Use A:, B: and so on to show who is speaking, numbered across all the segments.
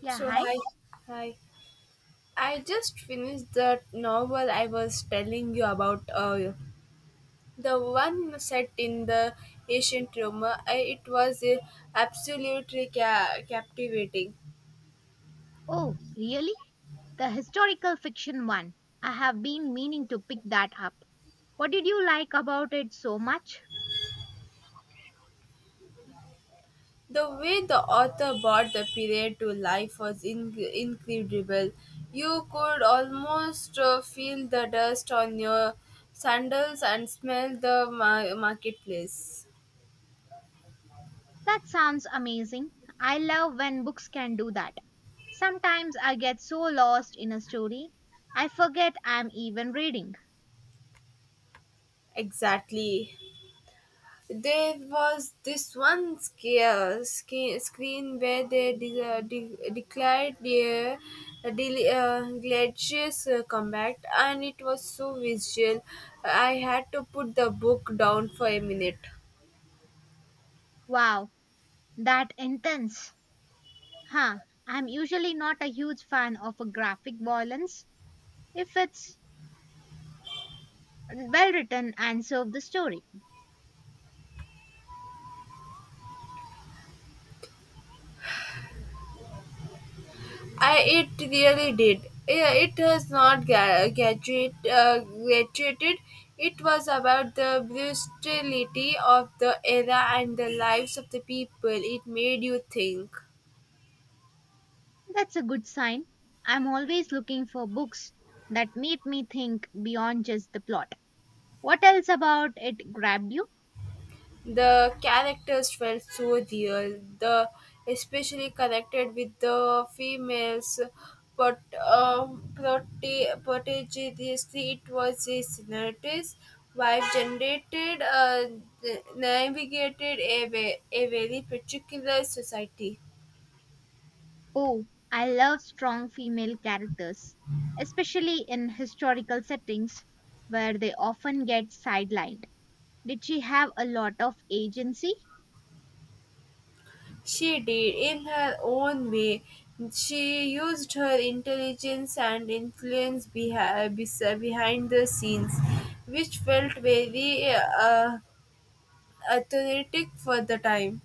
A: Yeah,
B: So
A: hi.
B: hi, Hi. I just finished the novel I was telling you about earlier. The one set in the ancient Rome. It was absolutely captivating.
A: Oh, really? The historical fiction one. I have been meaning to pick that up. What did you like about it so much?
B: The way the author brought the period to life was incredible. You could almost feel the dust on your sandals and smell the marketplace.
A: That sounds amazing. I love when books can do that. Sometimes I get so lost in a story, I forget I'm even reading.
B: Exactly. There was this one screen where they declared their gladiators combat, and it was so visual. I had to put the book down for a minute.
A: Wow, that intense. Huh, I'm usually not a huge fan of a graphic violence if it's well written and serve the story.
B: I it really did. Yeah, it was not graduated. It was about the brutality of the era and the lives of the people. It made you think.
A: That's a good sign. I'm always looking for books that make me think beyond just the plot. What else about it grabbed you?
B: The characters felt so real. The especially connected with the females, but prodigiously it was a senator's Wife generated, navigated a very particular society.
A: Oh, I love strong female characters, especially in historical settings where they often get sidelined. Did she have a lot of agency?
B: She did in her own way. She used her intelligence and influence behind the scenes, which felt very athletic for the time,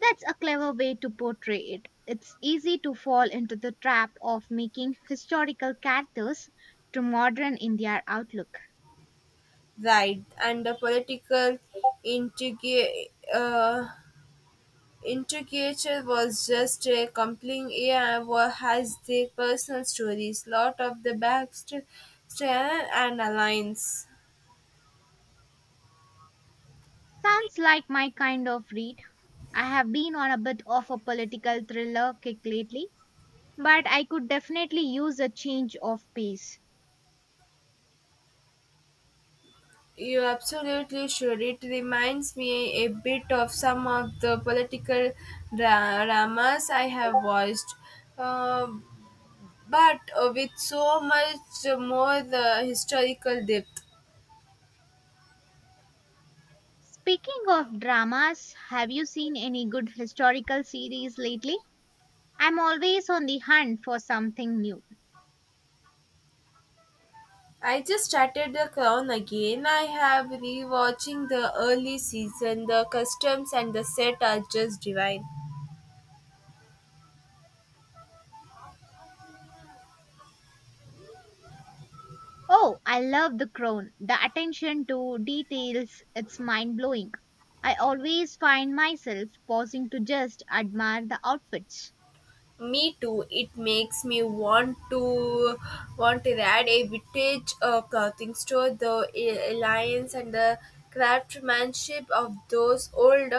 A: That's a clever way to portray it. It's easy to fall into the trap of making historical characters too modern in their outlook.
B: right? And the political intrigue, uh, intricature was just a compelling era has their personal stories, lot of the backstory and alliance.
A: Sounds like my kind of read. I have been on a bit of a political thriller kick lately, but I could definitely use a change of pace.
B: You absolutely should. It reminds me a bit of some of the political dramas I have watched. Uh, but with so much more the historical depth.
A: Speaking of dramas, have you seen any good historical series lately? I'm always on the hunt for something new.
B: I just started The Crown again. I have rewatching the early season. The customs and the set are just divine.
A: Oh, I love The Crown. The attention to details, it's mind-blowing. I always find myself pausing to just admire the outfits.
B: Me too. It makes me want to add a vintage clothing store. The alliance and the craftsmanship of those old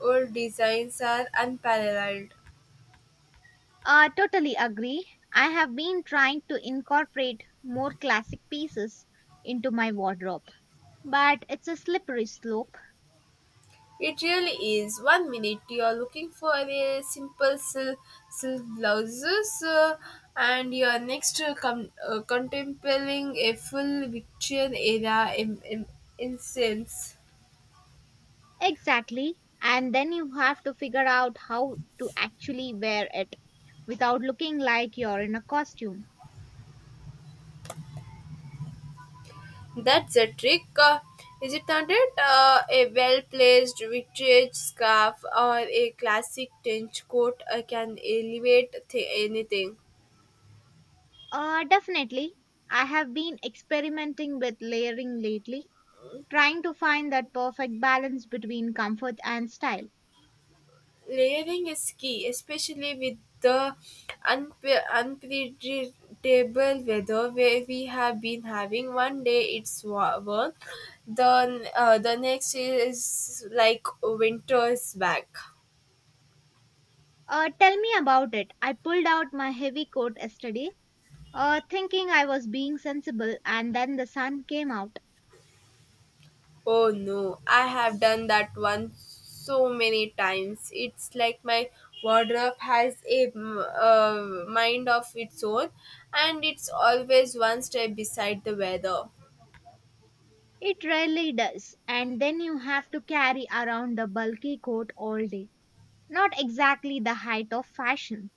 B: old designs are unparalleled.
A: Totally agree. I have been trying to incorporate more classic pieces into my wardrobe, but it's a slippery slope.
B: It really is. One minute you're looking for a simple silk blouses, and you're next contemplating a full Victorian era incense.
A: Exactly. And then you have to figure out how to actually wear it without looking like you're in a costume.
B: That's a trick, is it not? It A well placed vintage scarf or a classic trench coat can elevate anything.
A: Definitely. I have been experimenting with layering lately, trying to find that perfect balance between comfort and style.
B: Layering is key, especially with the unpredictable weather where we have been having. One day it's warm, then the next is like winter is back.
A: Tell me about it. I pulled out my heavy coat yesterday thinking I was being sensible, and then the sun came out.
B: Oh no, I have done that one so many times. It's like my wardrobe has a mind of its own, and it's always one step beside the weather.
A: It rarely does, and then you have to carry around the bulky coat all day. Not exactly the height of fashion.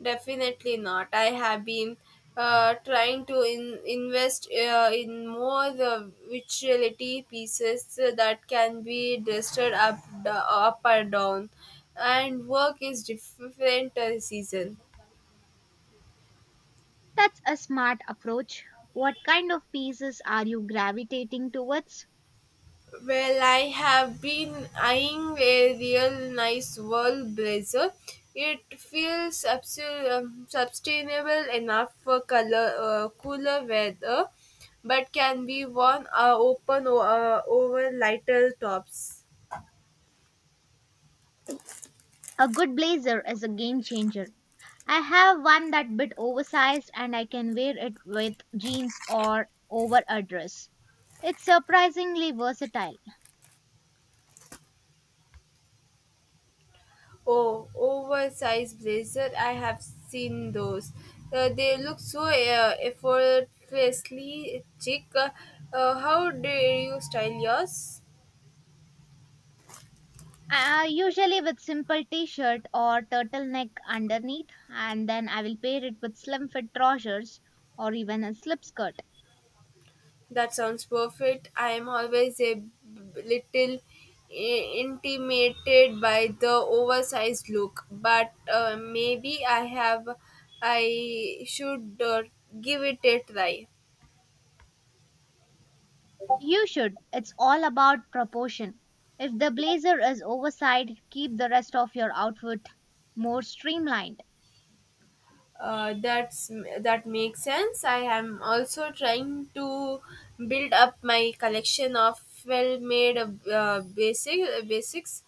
B: Definitely not. I have been trying to invest in more virtuality pieces that can be adjusted up, up or down, and work is different season.
A: That's a smart approach. What kind of pieces are you gravitating towards?
B: Well, I have been eyeing a real nice wool blazer. It feels sustainable enough for color, cooler weather, but can be worn open over lighter tops.
A: A good blazer is a game changer. I have one that bit oversized and I can wear it with jeans or over a dress. It's surprisingly versatile.
B: Oh, oversized blazer! I have seen those. They look so effortlessly chic. How do you style yours?
A: Usually with simple t-shirt or turtleneck underneath and then I will pair it with slim fit trousers or even a slip skirt.
B: That sounds perfect. I am always a little intimidated by the oversized look, but maybe I should give it a try.
A: You should. It's all about proportion. If the blazer is oversized, keep the rest of your outfit more streamlined.
B: That's that makes sense. I am also trying to build up my collection of well made basics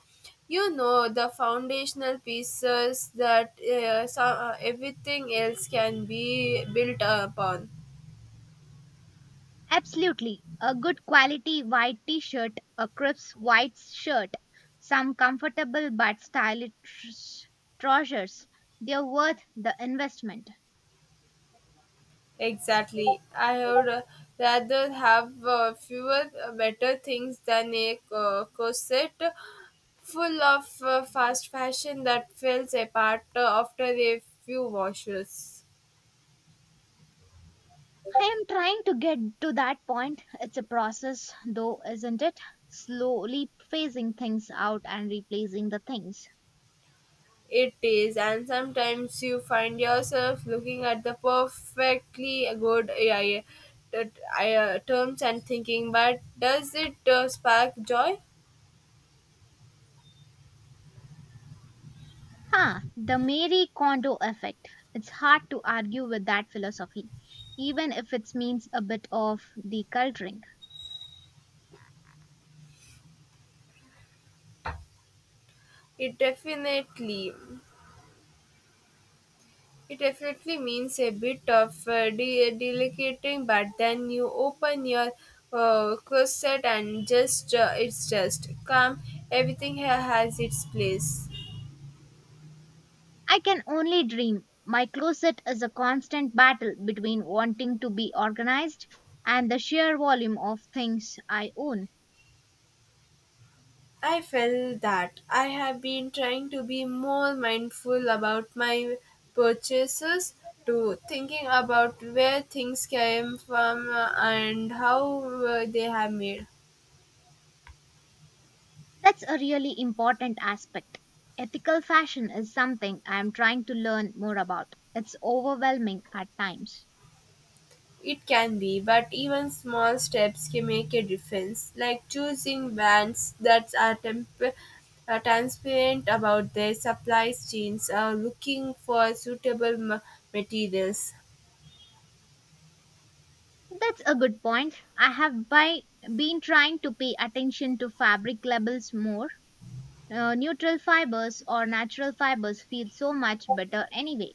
B: you know the foundational pieces that everything else can be built upon.
A: Absolutely. A good quality white t-shirt, a crisp white shirt, some comfortable but stylish trousers. They're worth the investment.
B: Exactly, I would rather have fewer better things than a corset full of fast fashion that falls apart after a few washes.
A: I am trying to get to that point. It's a process, though, isn't it? Slowly phasing things out and replacing the things.
B: It is, and sometimes you find yourself looking at the perfectly good AI terms and thinking, but does it spark joy?
A: Huh, the Mary Kondo effect. It's hard to argue with that philosophy, even if it means a bit of decluttering.
B: It definitely It definitely means a bit of delicating, but then you open your closet and just it's just come. Everything here has its place.
A: I can only dream. My closet is a constant battle between wanting to be organized and the sheer volume of things I own.
B: I felt that I have been trying to be more mindful about my purchases, to thinking about where things came from and how they have made.
A: That's a really important aspect. Ethical fashion is something I am trying to learn more about. It's overwhelming at times.
B: It can be, but even small steps can make a difference, like choosing brands that are transparent about their supply chains or looking for suitable materials.
A: That's a good point. Been trying to pay attention to fabric labels more. Neutral fibers or natural fibers feel so much better anyway.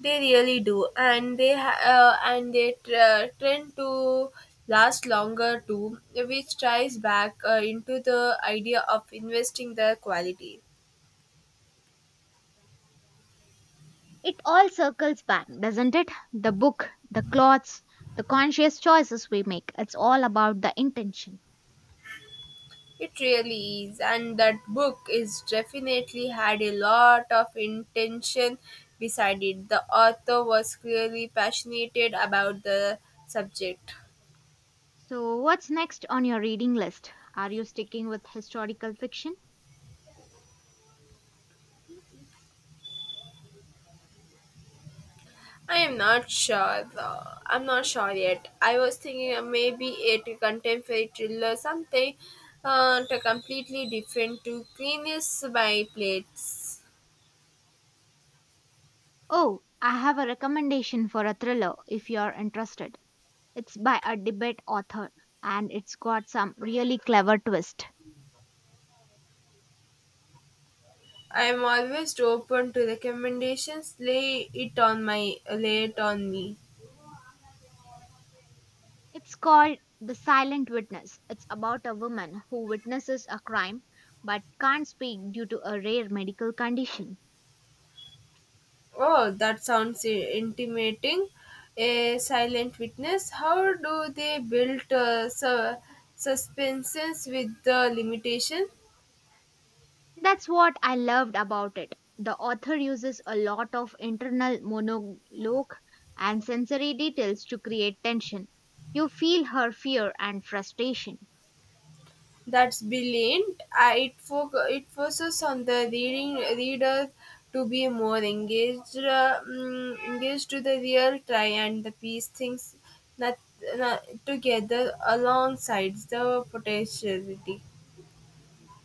B: They really do, and they tend to last longer too, which ties back into the idea of investing the quality.
A: It all circles back, doesn't it? The book, the clothes, the conscious choices we make. It's all about the intention.
B: It really is, and that book is definitely had a lot of intention beside it. The author was clearly passionate about the subject.
A: So, what's next on your reading list? Are you sticking with historical fiction?
B: I am not sure though. I'm not sure yet. I was thinking maybe it a contemporary thriller, something to completely different to cleanest my plates.
A: Oh, I have a recommendation for a thriller if you're interested. It's by a debate author and it's got some really clever twist.
B: I am always open to recommendations. Lay it on my lay it on me.
A: It's called The Silent Witness. It's about a woman who witnesses a crime but can't speak due to a rare medical condition.
B: Oh, that sounds intimating. A silent witness. How do they build suspenses with the limitation?
A: That's what I loved about it. The author uses a lot of internal monologue and sensory details to create tension. You feel her fear and frustration.
B: That's brilliant. It focuses on the reading reader to be more engaged, engaged to the real try and the piece things not, not together alongside the potentiality.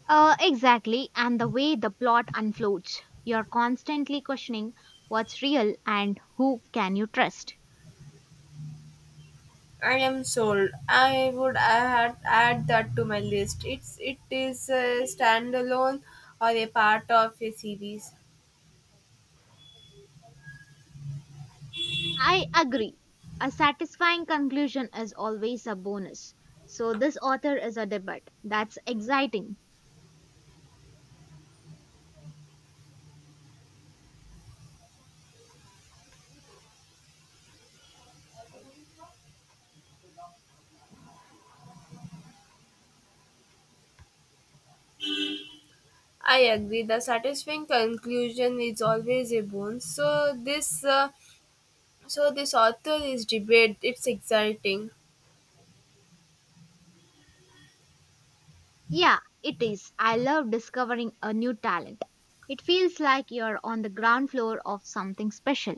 A: Exactly, and the way the plot unfolds. You're constantly questioning what's real and who can you trust.
B: I am sold. I would add that to my list. It is a standalone or a part of a series.
A: I agree. A satisfying conclusion is always a bonus. So, this author is a debut. That's exciting.
B: I agree. The satisfying conclusion is always a bonus. So this author is debate. It's exciting.
A: Yeah, it is. I love discovering a new talent. It feels like you're on the ground floor of something special.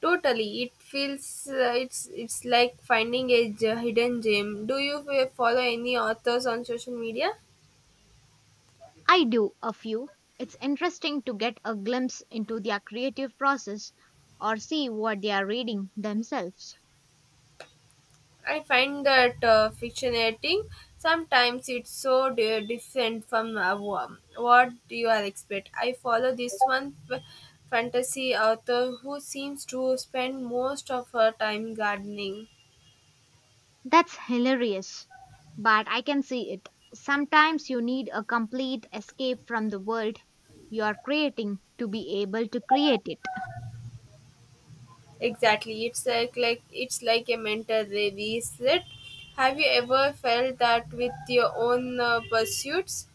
B: Totally, it feels it's like finding a hidden gem. Do you follow any authors on social media?
A: I do a few. It's interesting to get a glimpse into their creative process or see what they are reading themselves.
B: I find that fiction editing sometimes it's so different from what you are expect. I follow this one fantasy author who seems to spend most of her time gardening.
A: That's hilarious, but I can see it. Sometimes you need a complete escape from the world you are creating to be able to create it.
B: Exactly, it's like a mental reset. Have you ever felt that with your own pursuits?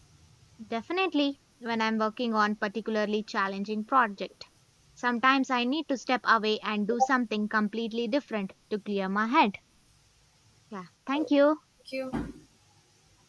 A: Definitely, when I'm working on particularly challenging project, sometimes I need to step away and do something completely different to clear my head. Yeah, thank you.
B: Thank you.